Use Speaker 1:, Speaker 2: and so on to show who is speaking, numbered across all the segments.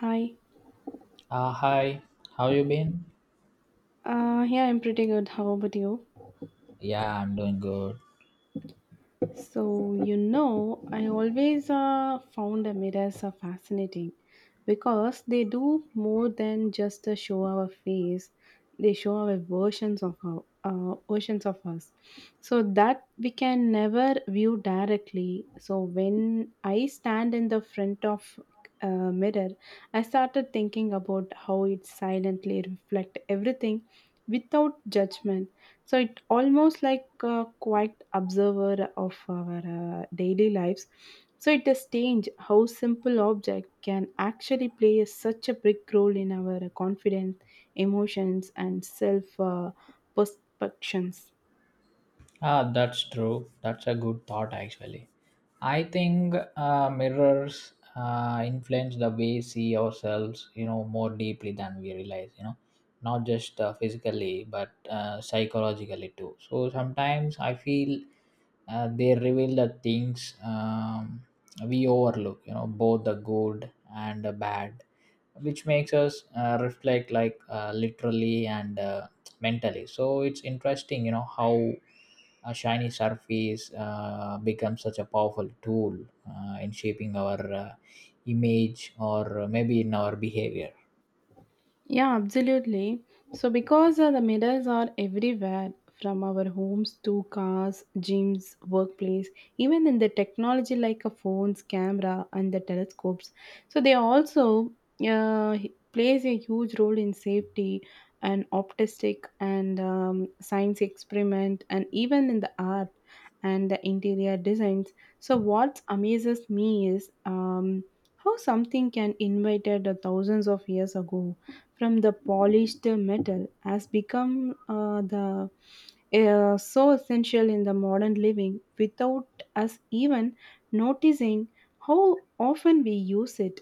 Speaker 1: Hi.
Speaker 2: Hi, how you been?
Speaker 1: Yeah, I'm pretty good. How about you?
Speaker 2: Yeah, I'm doing good.
Speaker 1: So, I always found the mirrors are fascinating, because they do more than just show our face. They show our versions of us, so that we can never view directly. So when I stand in the front of a mirror, I started thinking about how it silently reflect everything without judgment, so it almost like a quiet observer of our daily lives. So it has changed how simple object can actually play such a big role in our confidence, emotions, and self perceptions.
Speaker 2: Ah, that's true. That's a good thought, actually. I think mirrors influence the way we see ourselves, you know, more deeply than we realize, you know, not just physically, but psychologically too. So sometimes I feel they reveal the things we overlook, you know, both the good and the bad, which makes us reflect like literally and mentally. So it's interesting, you know, how a shiny surface becomes such a powerful tool in shaping our image or maybe in our behavior.
Speaker 1: Yeah, absolutely. So, because the medals are everywhere, from our homes to cars, gyms, workplace, even in the technology like a phones, camera, and the telescopes. So, they also plays a huge role in safety and optimistic and science experiment, and even in the art and the interior designs. So, what amazes me is how something can invited thousands of years ago from the polished metal has become the so essential in the modern living without us even noticing how often we use it.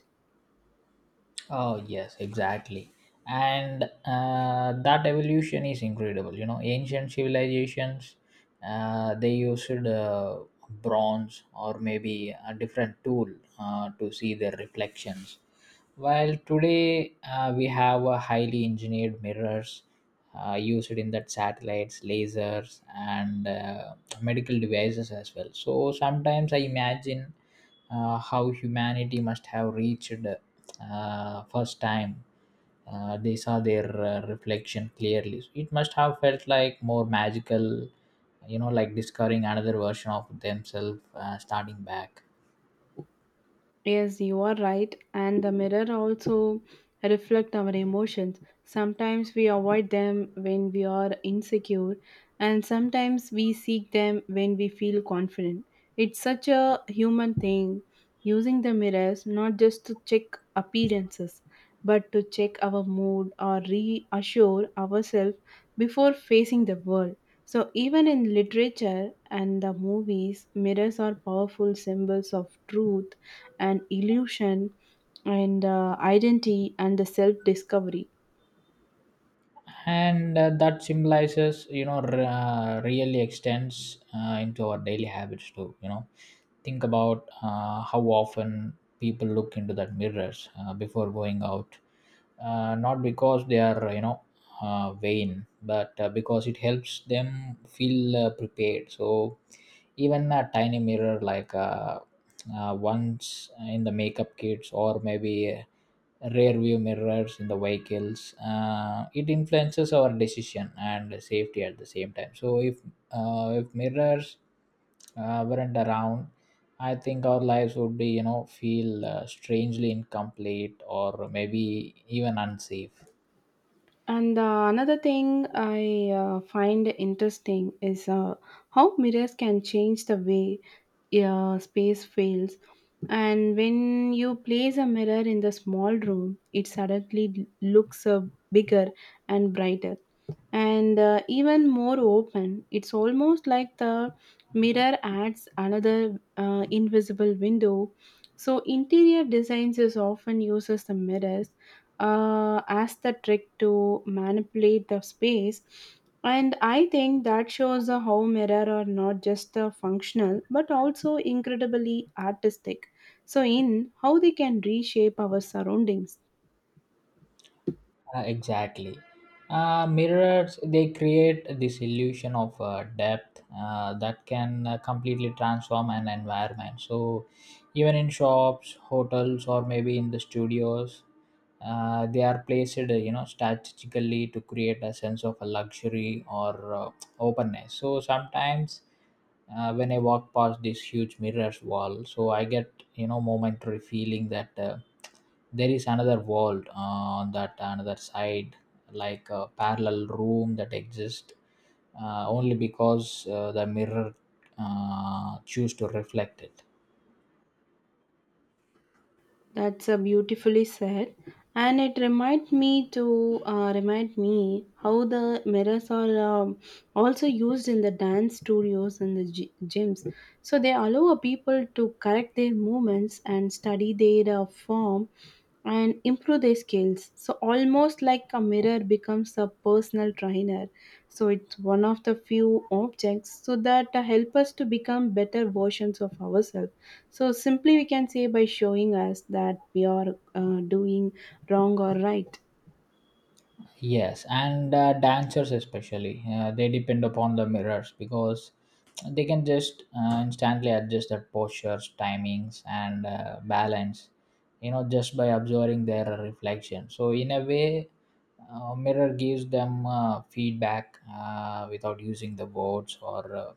Speaker 2: Oh, yes, exactly. And that evolution is incredible. You know, ancient civilizations, they used bronze or maybe a different tool to see their reflections. While today we have a highly engineered mirrors used in that satellites, lasers, and medical devices as well. So sometimes I imagine how humanity must have reached first time they saw their reflection clearly. It must have felt like more magical, you know, like discovering another version of themselves starting back.
Speaker 1: Yes, you are right. And the mirror also reflect our emotions. Sometimes we avoid them when we are insecure, and sometimes we seek them when we feel confident. It's such a human thing, using the mirrors not just to check appearances, but to check our mood or reassure ourselves before facing the world. So even in literature and the movies, mirrors are powerful symbols of truth and illusion and identity and the self discovery.
Speaker 2: And that symbolizes, you know, really extends into our daily habits too, you know. Think about how often people look into that mirrors before going out, not because they are, you know, vain, but because it helps them feel prepared. So even a tiny mirror like once in the makeup kits, or maybe rear view mirrors in the vehicles, it influences our decision and safety at the same time. So if mirrors weren't around, I think our lives would, be you know, feel strangely incomplete or maybe even unsafe.
Speaker 1: And another thing I find interesting is how mirrors can change the way space feels. And when you place a mirror in the small room, it suddenly looks bigger and brighter and even more open. It's almost like the mirror adds another invisible window. So interior designs is often uses the mirrors as the trick to manipulate the space. And I think that shows how mirror are not just functional but also incredibly artistic. So in how they can reshape our surroundings.
Speaker 2: Exactly. Mirrors they create this illusion of depth that can completely transform an environment. So, even in shops, hotels, or maybe in the studios, they are placed, you know, strategically to create a sense of a luxury or openness. So sometimes when I walk past this huge mirrors wall. So I get, you know, momentary feeling that there is another world on that another side, like a parallel room that exists only because the mirror choose to reflect it.
Speaker 1: That's beautifully said, and it remind me how the mirrors are also used in the dance studios and the gyms. So they allow people to correct their movements and study their form and improve their skills. So, almost like a mirror becomes a personal trainer. So, it's one of the few objects so that help us to become better versions of ourselves. So, simply we can say by showing us that we are doing wrong or right.
Speaker 2: Yes, and dancers especially, they depend upon the mirrors because they can just instantly adjust their postures, timings, and balance, you know, just by observing their reflection. So, in a way, mirror gives them feedback without using the words, or uh,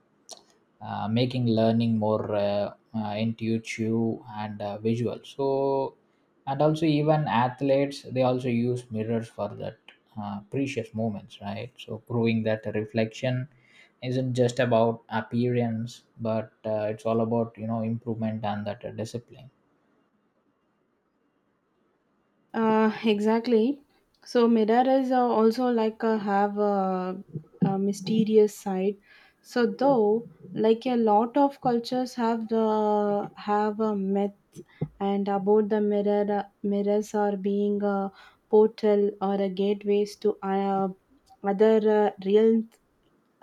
Speaker 2: uh, making learning more intuitive and visual. So and also even athletes they also use mirrors for that precious moments, right? So proving that reflection isn't just about appearance, but it's all about, you know, improvement and that discipline.
Speaker 1: Exactly. So, mirrors are also have a mysterious side. So, though like a lot of cultures have a myth and about the mirrors are being a portal or a gateways to other real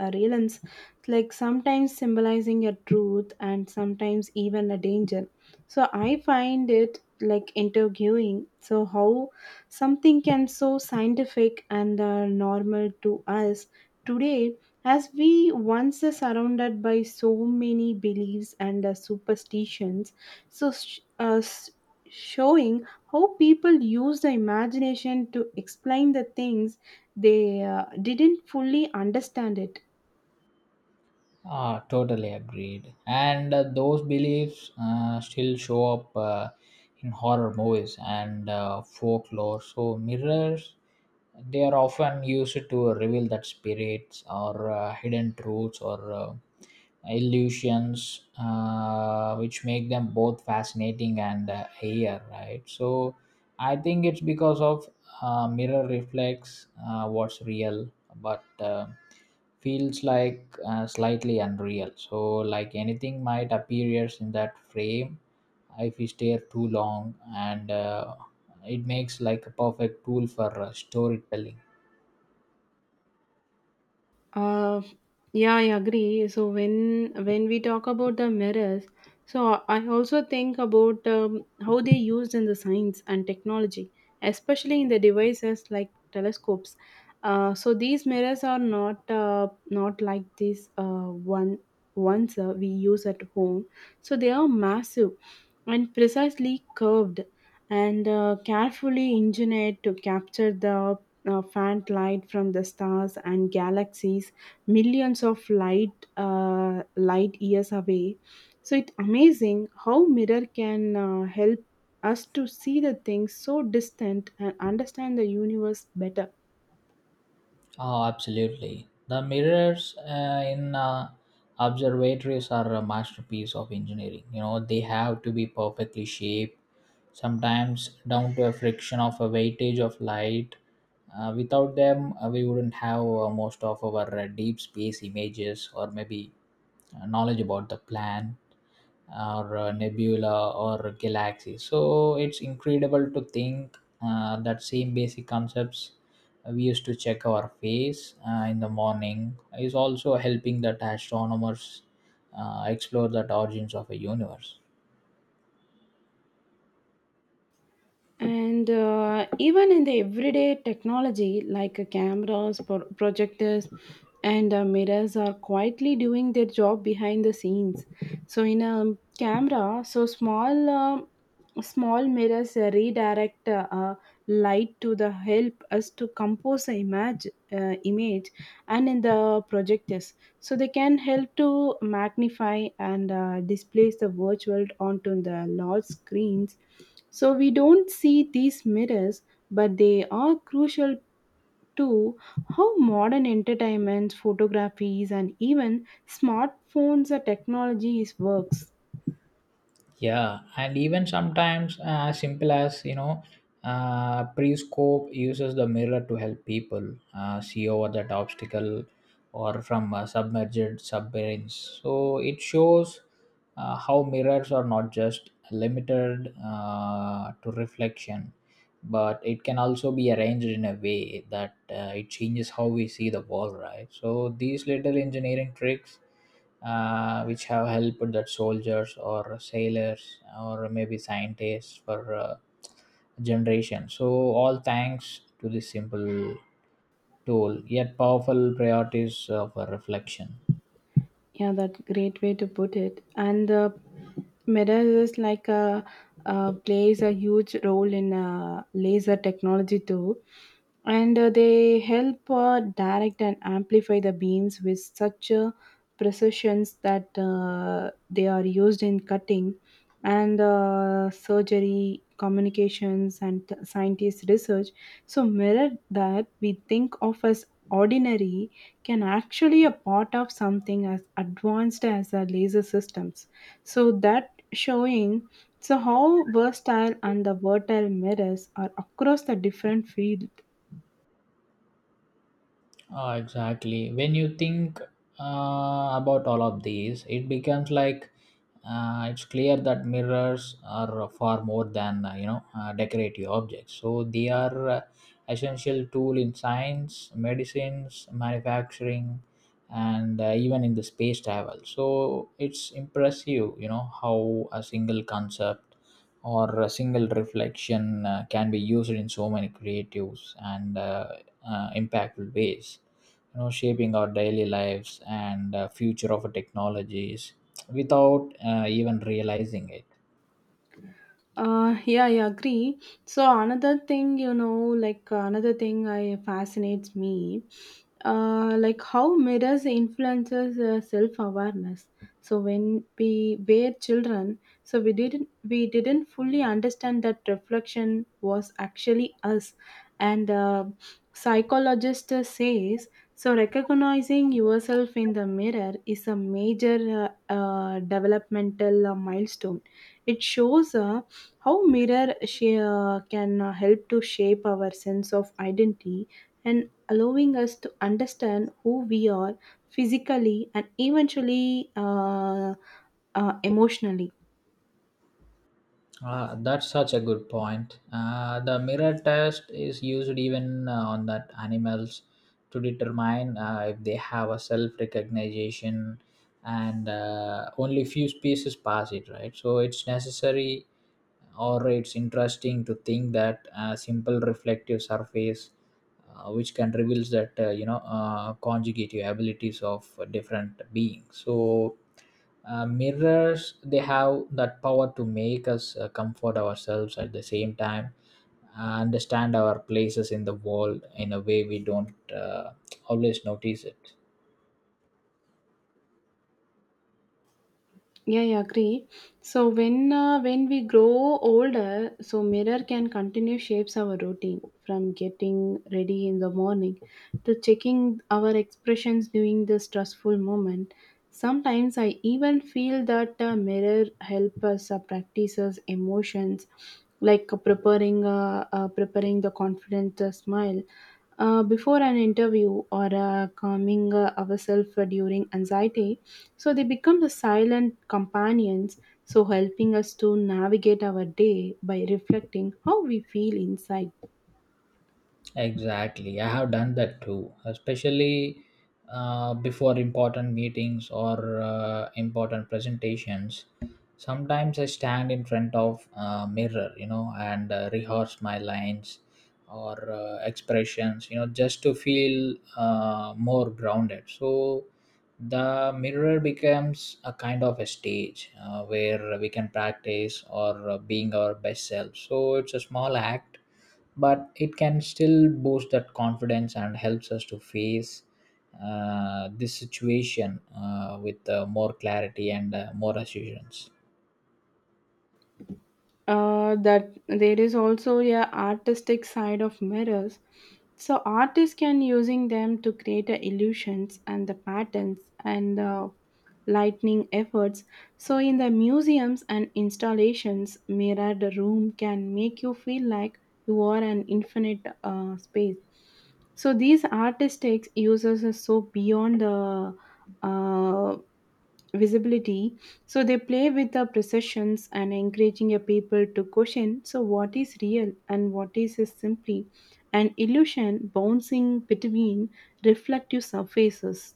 Speaker 1: a relance, like sometimes symbolizing a truth and sometimes even a danger. So I find it like interviewing. So how something can so scientific and normal to us today, as we once are surrounded by so many beliefs and superstitions. So showing how people use the imagination to explain the things they didn't fully understand it.
Speaker 2: Ah, totally agreed. And those beliefs still show up in horror movies and folklore. So mirrors, they are often used to reveal that spirits, or hidden truths, or illusions, which make them both fascinating and here, right? So I think it's because of mirror reflects what's real, but feels like slightly unreal. So like anything might appears in that frame if we stare too long, and it makes like a perfect tool for storytelling.
Speaker 1: Uh, yeah, I agree. So when we talk about the mirrors, so I also think about how they used in the science and technology, especially in the devices like telescopes. So these mirrors are not like these one ones we use at home. So they are massive and precisely curved and carefully engineered to capture the faint light from the stars and galaxies millions of light years away. So it's amazing how mirror can help us to see the things so distant and understand the universe better.
Speaker 2: Oh, absolutely. The mirrors in observatories are a masterpiece of engineering. You know, they have to be perfectly shaped, sometimes down to a friction of a weightage of light. Without them, we wouldn't have most of our deep space images, or maybe knowledge about the plan, or nebula, or galaxy. So it's incredible to think that same basic concepts we used to check our face in the morning is also helping that astronomers explore the origins of a universe.
Speaker 1: And even in the everyday technology, like cameras, projectors, and mirrors, are quietly doing their job behind the scenes. So, in a camera, so small, small mirrors redirect light to the help us to compose the image, and in the projectors, so they can help to magnify and displace the virtual onto the large screens, so we don't see these mirrors, but they are crucial to how modern entertainments, photographies, and even smartphones or technologies works.
Speaker 2: Yeah, and even sometimes simple as, you know, Prescope uses the mirror to help people see over that obstacle or from submerged submarines. So it shows how mirrors are not just limited to reflection, but it can also be arranged in a way that it changes how we see the world. Right. So these little engineering tricks which have helped that soldiers, or sailors, or maybe scientists for generation. So all thanks to this simple tool, yet powerful priorities of reflection.
Speaker 1: Yeah, that great way to put it. And mirror is plays a huge role in laser technology too, and they help direct and amplify the beams with such precisions that they are used in cutting and surgery, communications, and scientist research. So mirror that we think of as ordinary can actually a part of something as advanced as the laser systems. So that showing so how versatile and the vertile mirrors are across the different field.
Speaker 2: Ah, exactly. When you think about all of these, it becomes like it's clear that mirrors are far more than, you know, decorative objects. So they are essential tool in science, medicines, manufacturing, and even in the space travel. So it's impressive, you know, how a single concept or a single reflection can be used in so many creatives and impactful ways, you know, shaping our daily lives and future of our technologies without even realizing it.
Speaker 1: Yeah, I agree. So another thing, like another thing I fascinates me, like how mirrors influences self awareness. So when we were children, so we didn't fully understand that reflection was actually us, and psychologist says so. Recognizing yourself in the mirror is a major developmental milestone. It shows how mirror she can help to shape our sense of identity and allowing us to understand who we are physically and eventually emotionally.
Speaker 2: Ah, that's such a good point. The mirror test is used even on that animals to determine if they have a self recognition, and only few species pass it, right? So it's necessary, or it's interesting to think that a simple reflective surface, which can reveal that, you know, conjugative abilities of different beings. So mirrors they have that power to make us comfort ourselves at the same time understand our places in the world in a way we don't always notice it.
Speaker 1: Yeah, I agree. So when we grow older, so mirror can continue shapes our routine from getting ready in the morning to checking our expressions during the stressful moment. Sometimes I even feel that a mirror help us practice us emotions, like preparing the confident smile before an interview or calming ourselves during anxiety. So they become the silent companions, so helping us to navigate our day by reflecting how we feel inside.
Speaker 2: Exactly. I have done that too, especially before important meetings, or important presentations. Sometimes I stand in front of a mirror, you know, and rehearse my lines or expressions, you know, just to feel more grounded. So the mirror becomes a kind of a stage where we can practice, or being our best self. So it's a small act, but it can still boost that confidence and helps us to face this situation with more clarity and more assurance.
Speaker 1: That there is also a artistic side of mirrors, so artists can using them to create a illusions and the patterns and the lightning efforts, so in the museums and installations mirrored room can make you feel like you are an infinite space. So these artistic uses are so beyond the uh, visibility. So they play with the perceptions and encouraging a people to question so what is real and what is simply an illusion bouncing between reflective surfaces.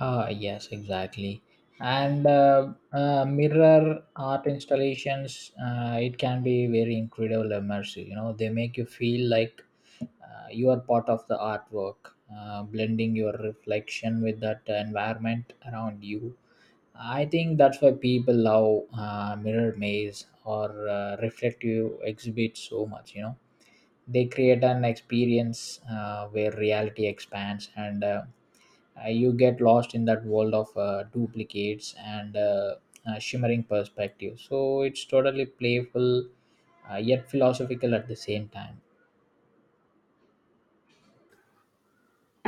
Speaker 2: Ah, yes, exactly. And mirror art installations, it can be very incredible immersive. You know, they make you feel like you are part of the artwork, blending your reflection with that environment around you. I think that's why people love mirror maze, or reflective exhibits so much. You know, they create an experience where reality expands, and you get lost in that world of duplicates and shimmering perspectives. So it's totally playful, yet philosophical at the same time.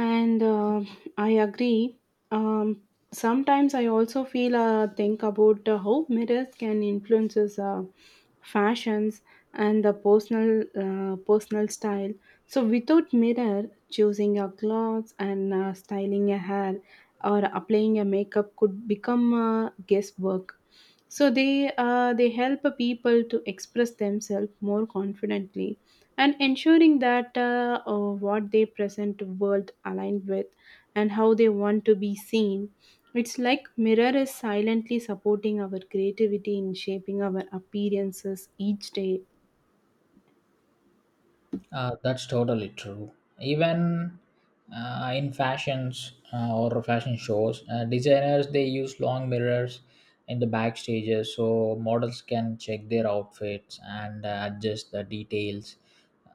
Speaker 1: And I agree. um, Sometimes I also feel think about how mirrors can influences fashions and the personal style. So without mirror choosing your clothes and styling your hair or applying a makeup could become guesswork. So they help people to express themselves more confidently and ensuring that what they present to world aligned with and how they want to be seen. It's like mirror is silently supporting our creativity in shaping our appearances each day.
Speaker 2: That's totally true. Even in fashions or fashion shows, designers they use long mirrors in the backstages so models can check their outfits and adjust the details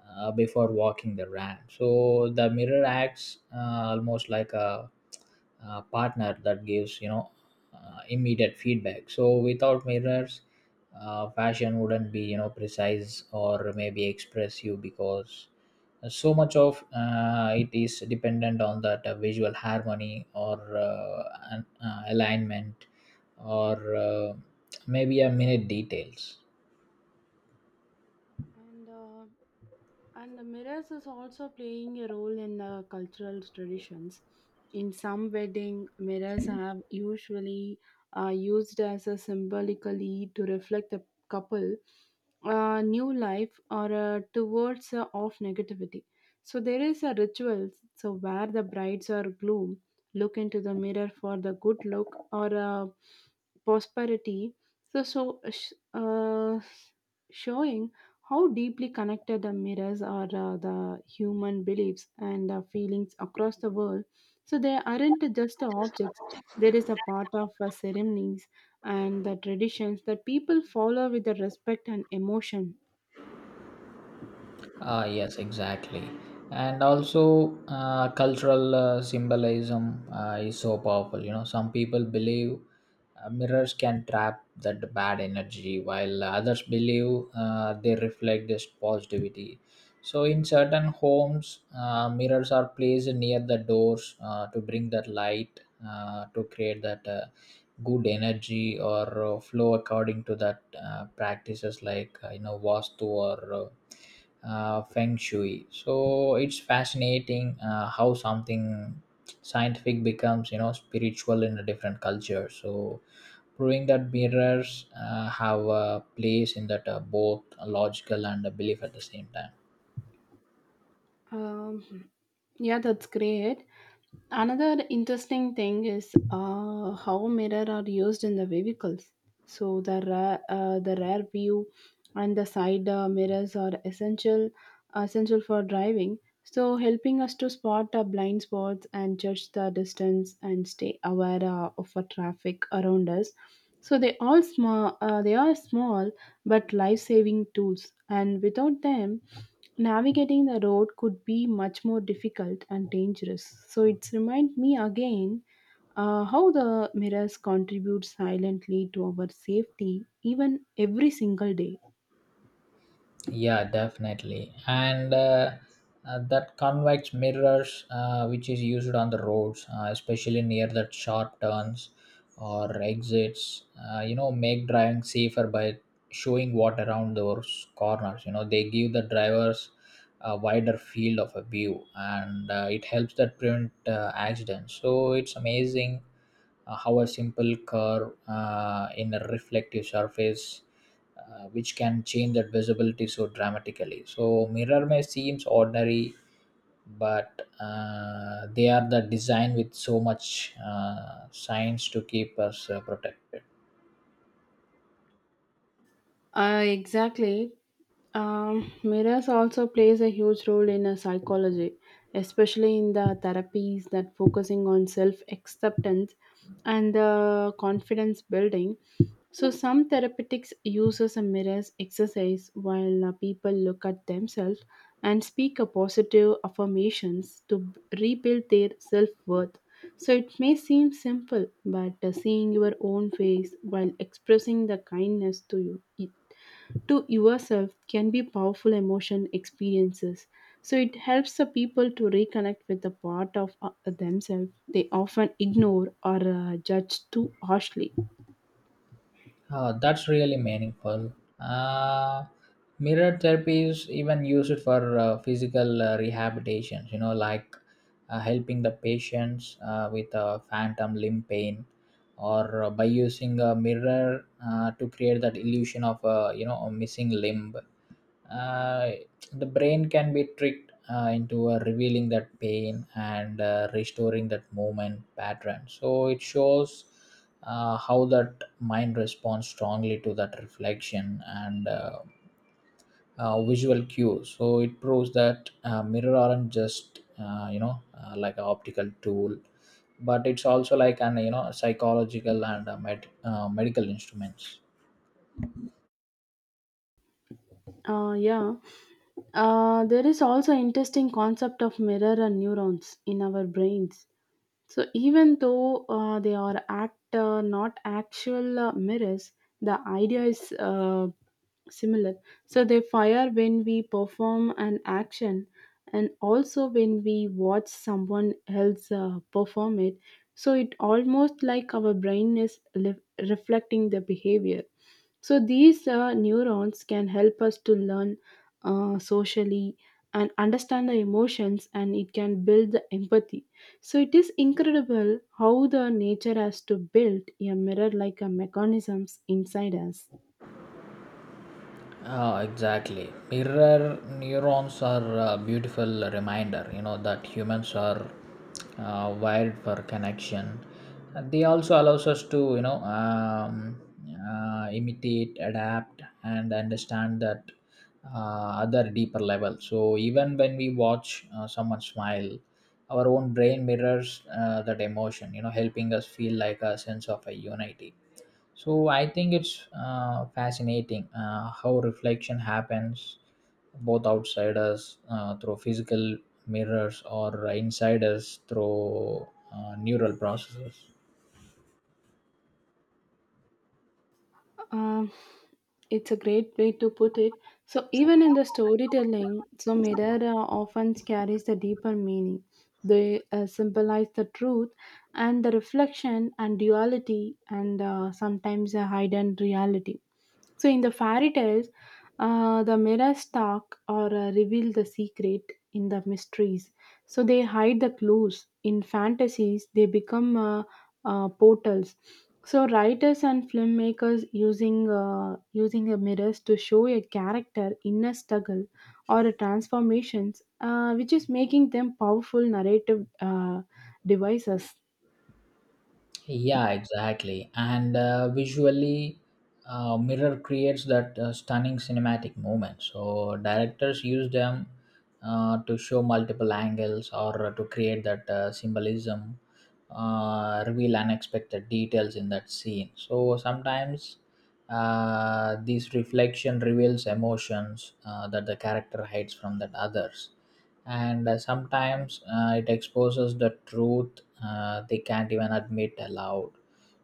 Speaker 2: before walking the ramp. So the mirror acts almost like a partner that gives, you know, immediate feedback. So without mirrors fashion wouldn't be, you know, precise or maybe express you, because so much of it is dependent on that visual harmony, or an, alignment, or maybe a minute details.
Speaker 1: And uh, And the mirrors is also playing a role in the cultural traditions. In some wedding, mirrors have usually used as a symbolically to reflect the couple, new life, or towards of negativity. So there is a ritual so where the brides or groom look into the mirror for the good luck or prosperity. So showing how deeply connected the mirrors are the human beliefs and feelings across the world. So they aren't just the objects, there is a part of ceremonies and the traditions that people follow with the respect and emotion.
Speaker 2: Ah, yes, exactly. And also, cultural symbolism is so powerful. You know, some people believe mirrors can trap that bad energy, while others believe they reflect this positivity. So, in certain homes, mirrors are placed near the doors to bring that light, to create that good energy, or flow according to that practices like, you know, vastu or feng shui. So it's fascinating how something scientific becomes, you know, spiritual in a different culture. So proving that mirrors have a place in that both logical and a belief at the same time.
Speaker 1: Um, yeah, that's great. Another interesting thing is how mirror are used in the vehicles. So the rear view and the side mirrors are essential for driving. So helping us to spot our blind spots and judge the distance and stay aware of the traffic around us. So they are small but life saving tools, and without them navigating the road could be much more difficult and dangerous. So it's remind me again how the mirrors contribute silently to our safety even every single day.
Speaker 2: Yeah, definitely. And that convex mirrors, which is used on the roads, especially near the sharp turns or exits, you know, make driving safer by showing what around those corners. You know, they give the drivers a wider field of a view, and it helps that prevent accidents. So it's amazing how a simple curve in a reflective surface which can change that visibility so dramatically. So mirror may seems ordinary, but they are the design with so much science to keep us protected.
Speaker 1: Exactly. Mirrors also plays a huge role in a psychology, especially in the therapies that focusing on self acceptance and the confidence building. So, some therapeutics uses a mirrors exercise while people look at themselves and speak a positive affirmations to rebuild their self worth. So, it may seem simple, but seeing your own face while expressing the kindness to yourself can be powerful emotion experiences. So, it helps the people to reconnect with the part of themselves they often ignore or judge too harshly.
Speaker 2: Oh, that's really meaningful. Uh, mirror therapy is even used for physical rehabilitation, you know, like helping the patients with phantom limb pain, or by using a mirror to create that illusion of, you know, a missing limb. Uh, the brain can be tricked into revealing that pain and restoring that movement pattern. So it shows how that mind responds strongly to that reflection, and visual cues. So it proves that mirror aren't just, you know, like an optical tool, but it's also like an, you know, psychological and medical instruments.
Speaker 1: Yeah. There is also interesting concept of mirror and neurons in our brains. So even though they are act not actual mirrors, the idea is similar. So they fire when we perform an action, and also when we watch someone else perform it. So it almost like our brain is reflecting the behavior. So these neurons can help us to learn socially and understand the emotions, and it can build the empathy. So it is incredible how the nature has to build a mirror like a mechanisms inside us.
Speaker 2: Ah, exactly. Mirror neurons are a beautiful reminder, you know, that humans are wired for connection. And they also allows us to, you know, imitate, adapt, and understand that other deeper level. So even when we watch someone smile, our own brain mirrors that emotion, you know, helping us feel like a sense of a unity. So I think it's fascinating how reflection happens both outside us through physical mirrors, or inside us through neural processes.
Speaker 1: Um, it's a great way to put it. So, even in the storytelling, so mirror often carries the deeper meaning. They symbolize the truth and the reflection and duality and sometimes a hidden reality. So, in the fairy tales, the mirrors talk or reveal the secret in the mysteries. So, they hide the clues. In fantasies, they become portals. So writers and filmmakers using a mirrors to show a character inner struggle or a transformations, which is making them powerful narrative devices.
Speaker 2: Yeah, exactly. And visually, Mirror creates that stunning cinematic moment. So directors use them to show multiple angles, or to create that symbolism, reveal unexpected details in that scene. So sometimes this reflection reveals emotions that the character hides from that others, and sometimes it exposes the truth they can't even admit aloud.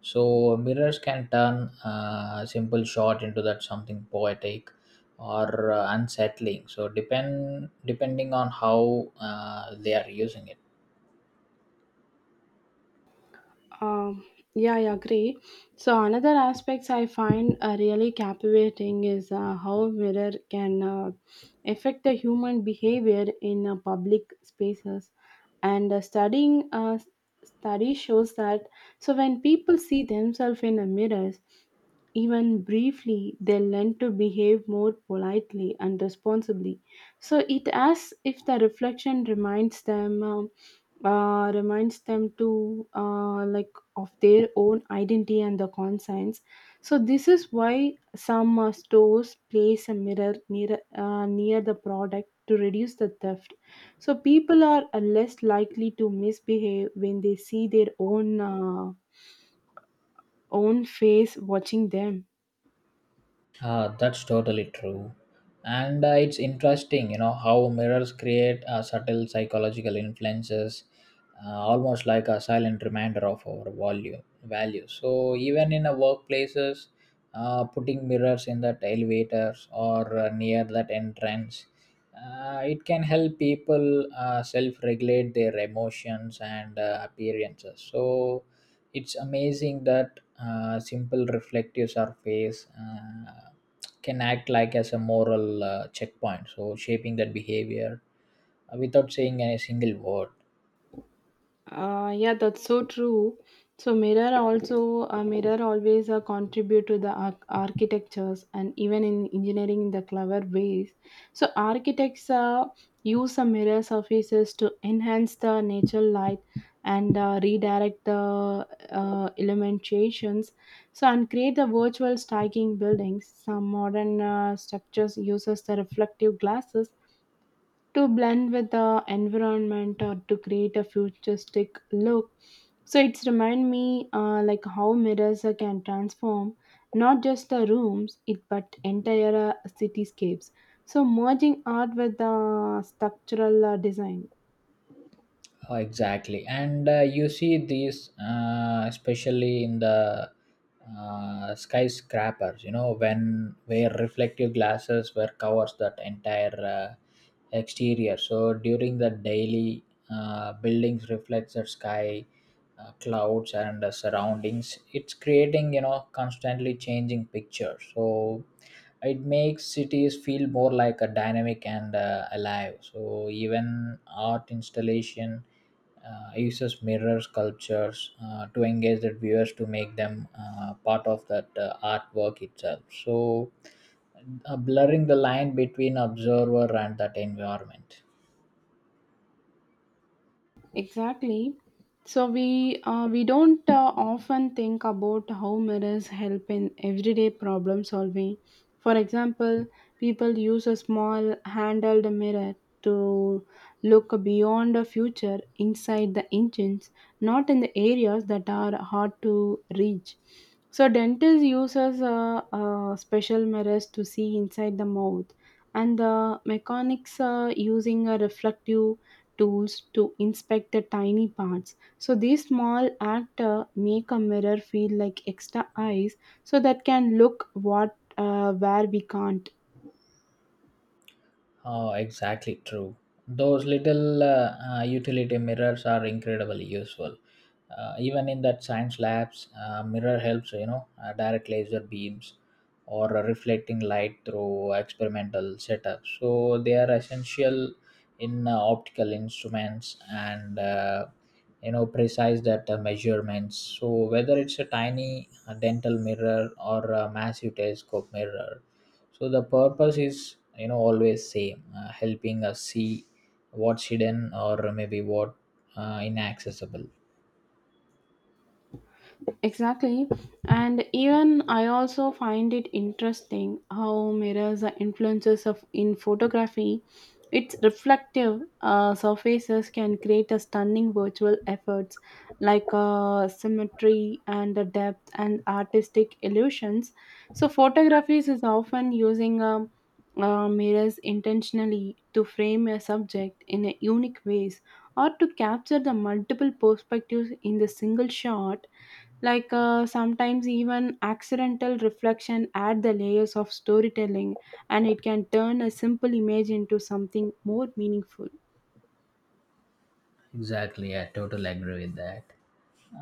Speaker 2: So mirrors can turn a simple shot into that something poetic, or unsettling. So depending on how they are using it.
Speaker 1: Um, yeah, I agree. So another aspects I find really captivating is how mirror can affect the human behavior in public spaces, and study shows that so when people see themselves in the mirrors, even briefly, they learn to behave more politely and responsibly. So it as if the reflection reminds them. Reminds them to like of their own identity and the conscience. So this is why some stores place a mirror near the product to reduce the theft. So people are less likely to misbehave when they see their own own face watching them.
Speaker 2: Ah, that's totally true. And it's interesting, you know, how mirrors create subtle psychological influences, almost like a silent reminder of our value. Value. So even in a workplaces, putting mirrors in that elevators, or near that entrance, it can help people self-regulate their emotions and appearances. So it's amazing that simple reflective surface can act like as a moral checkpoint, so shaping that behavior without saying a single word.
Speaker 1: Yeah, that's so true. So mirror also a mirror always contribute to the architectures and even in engineering in the clever ways. So architects use the mirror surfaces to enhance the natural light and redirect the illuminations. So and create the virtual striking buildings. Some modern structures uses the reflective glasses to blend with the environment or to create a futuristic look. So it's remind me like how mirrors can transform not just the rooms it but entire cityscapes. So merging art with the structural design.
Speaker 2: Oh, exactly, and you see these especially in the skyscrapers. You know, when where reflective glasses were covers that entire exterior. So during the daily buildings reflects the sky, clouds, and the surroundings. It's creating, you know, constantly changing picture. So it makes cities feel more like a dynamic and alive. So even art installation uses mirror sculptures to engage the viewers to make them part of that artwork itself. So blurring the line between observer and that environment.
Speaker 1: Exactly. So we don't often think about how mirrors help in everyday problem solving. For example, people use a small handled mirror to look beyond the future inside the engines, not in the areas that are hard to reach. So dentist uses special mirrors to see inside the mouth, and the mechanics are using a reflective tools to inspect the tiny parts. So these small act make a mirror feel like extra eyes so that can look what where we can't.
Speaker 2: Oh, exactly true. Those little utility mirrors are incredibly useful. Even in that science labs, mirror helps, you know, direct laser beams, or reflecting light through experimental setups. So they are essential in optical instruments and, you know, precise that measurements. So whether it's a tiny dental mirror, or a massive telescope mirror, so the purpose is, you know, always same, helping us see what's hidden, or maybe what inaccessible.
Speaker 1: Exactly. And even I also find it interesting how mirrors are influences of in photography. Its reflective surfaces can create a stunning virtual efforts like symmetry and the depth and artistic illusions. So photographies is often using mirrors intentionally to frame a subject in a unique ways or to capture the multiple perspectives in the single shot like sometimes even accidental reflection add the layers of storytelling and it can turn a simple image into something more meaningful.
Speaker 2: Exactly, I totally agree with that.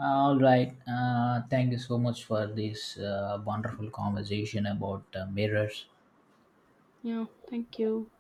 Speaker 2: All right, thank you so much for this wonderful conversation about mirrors.
Speaker 1: Yeah, thank you.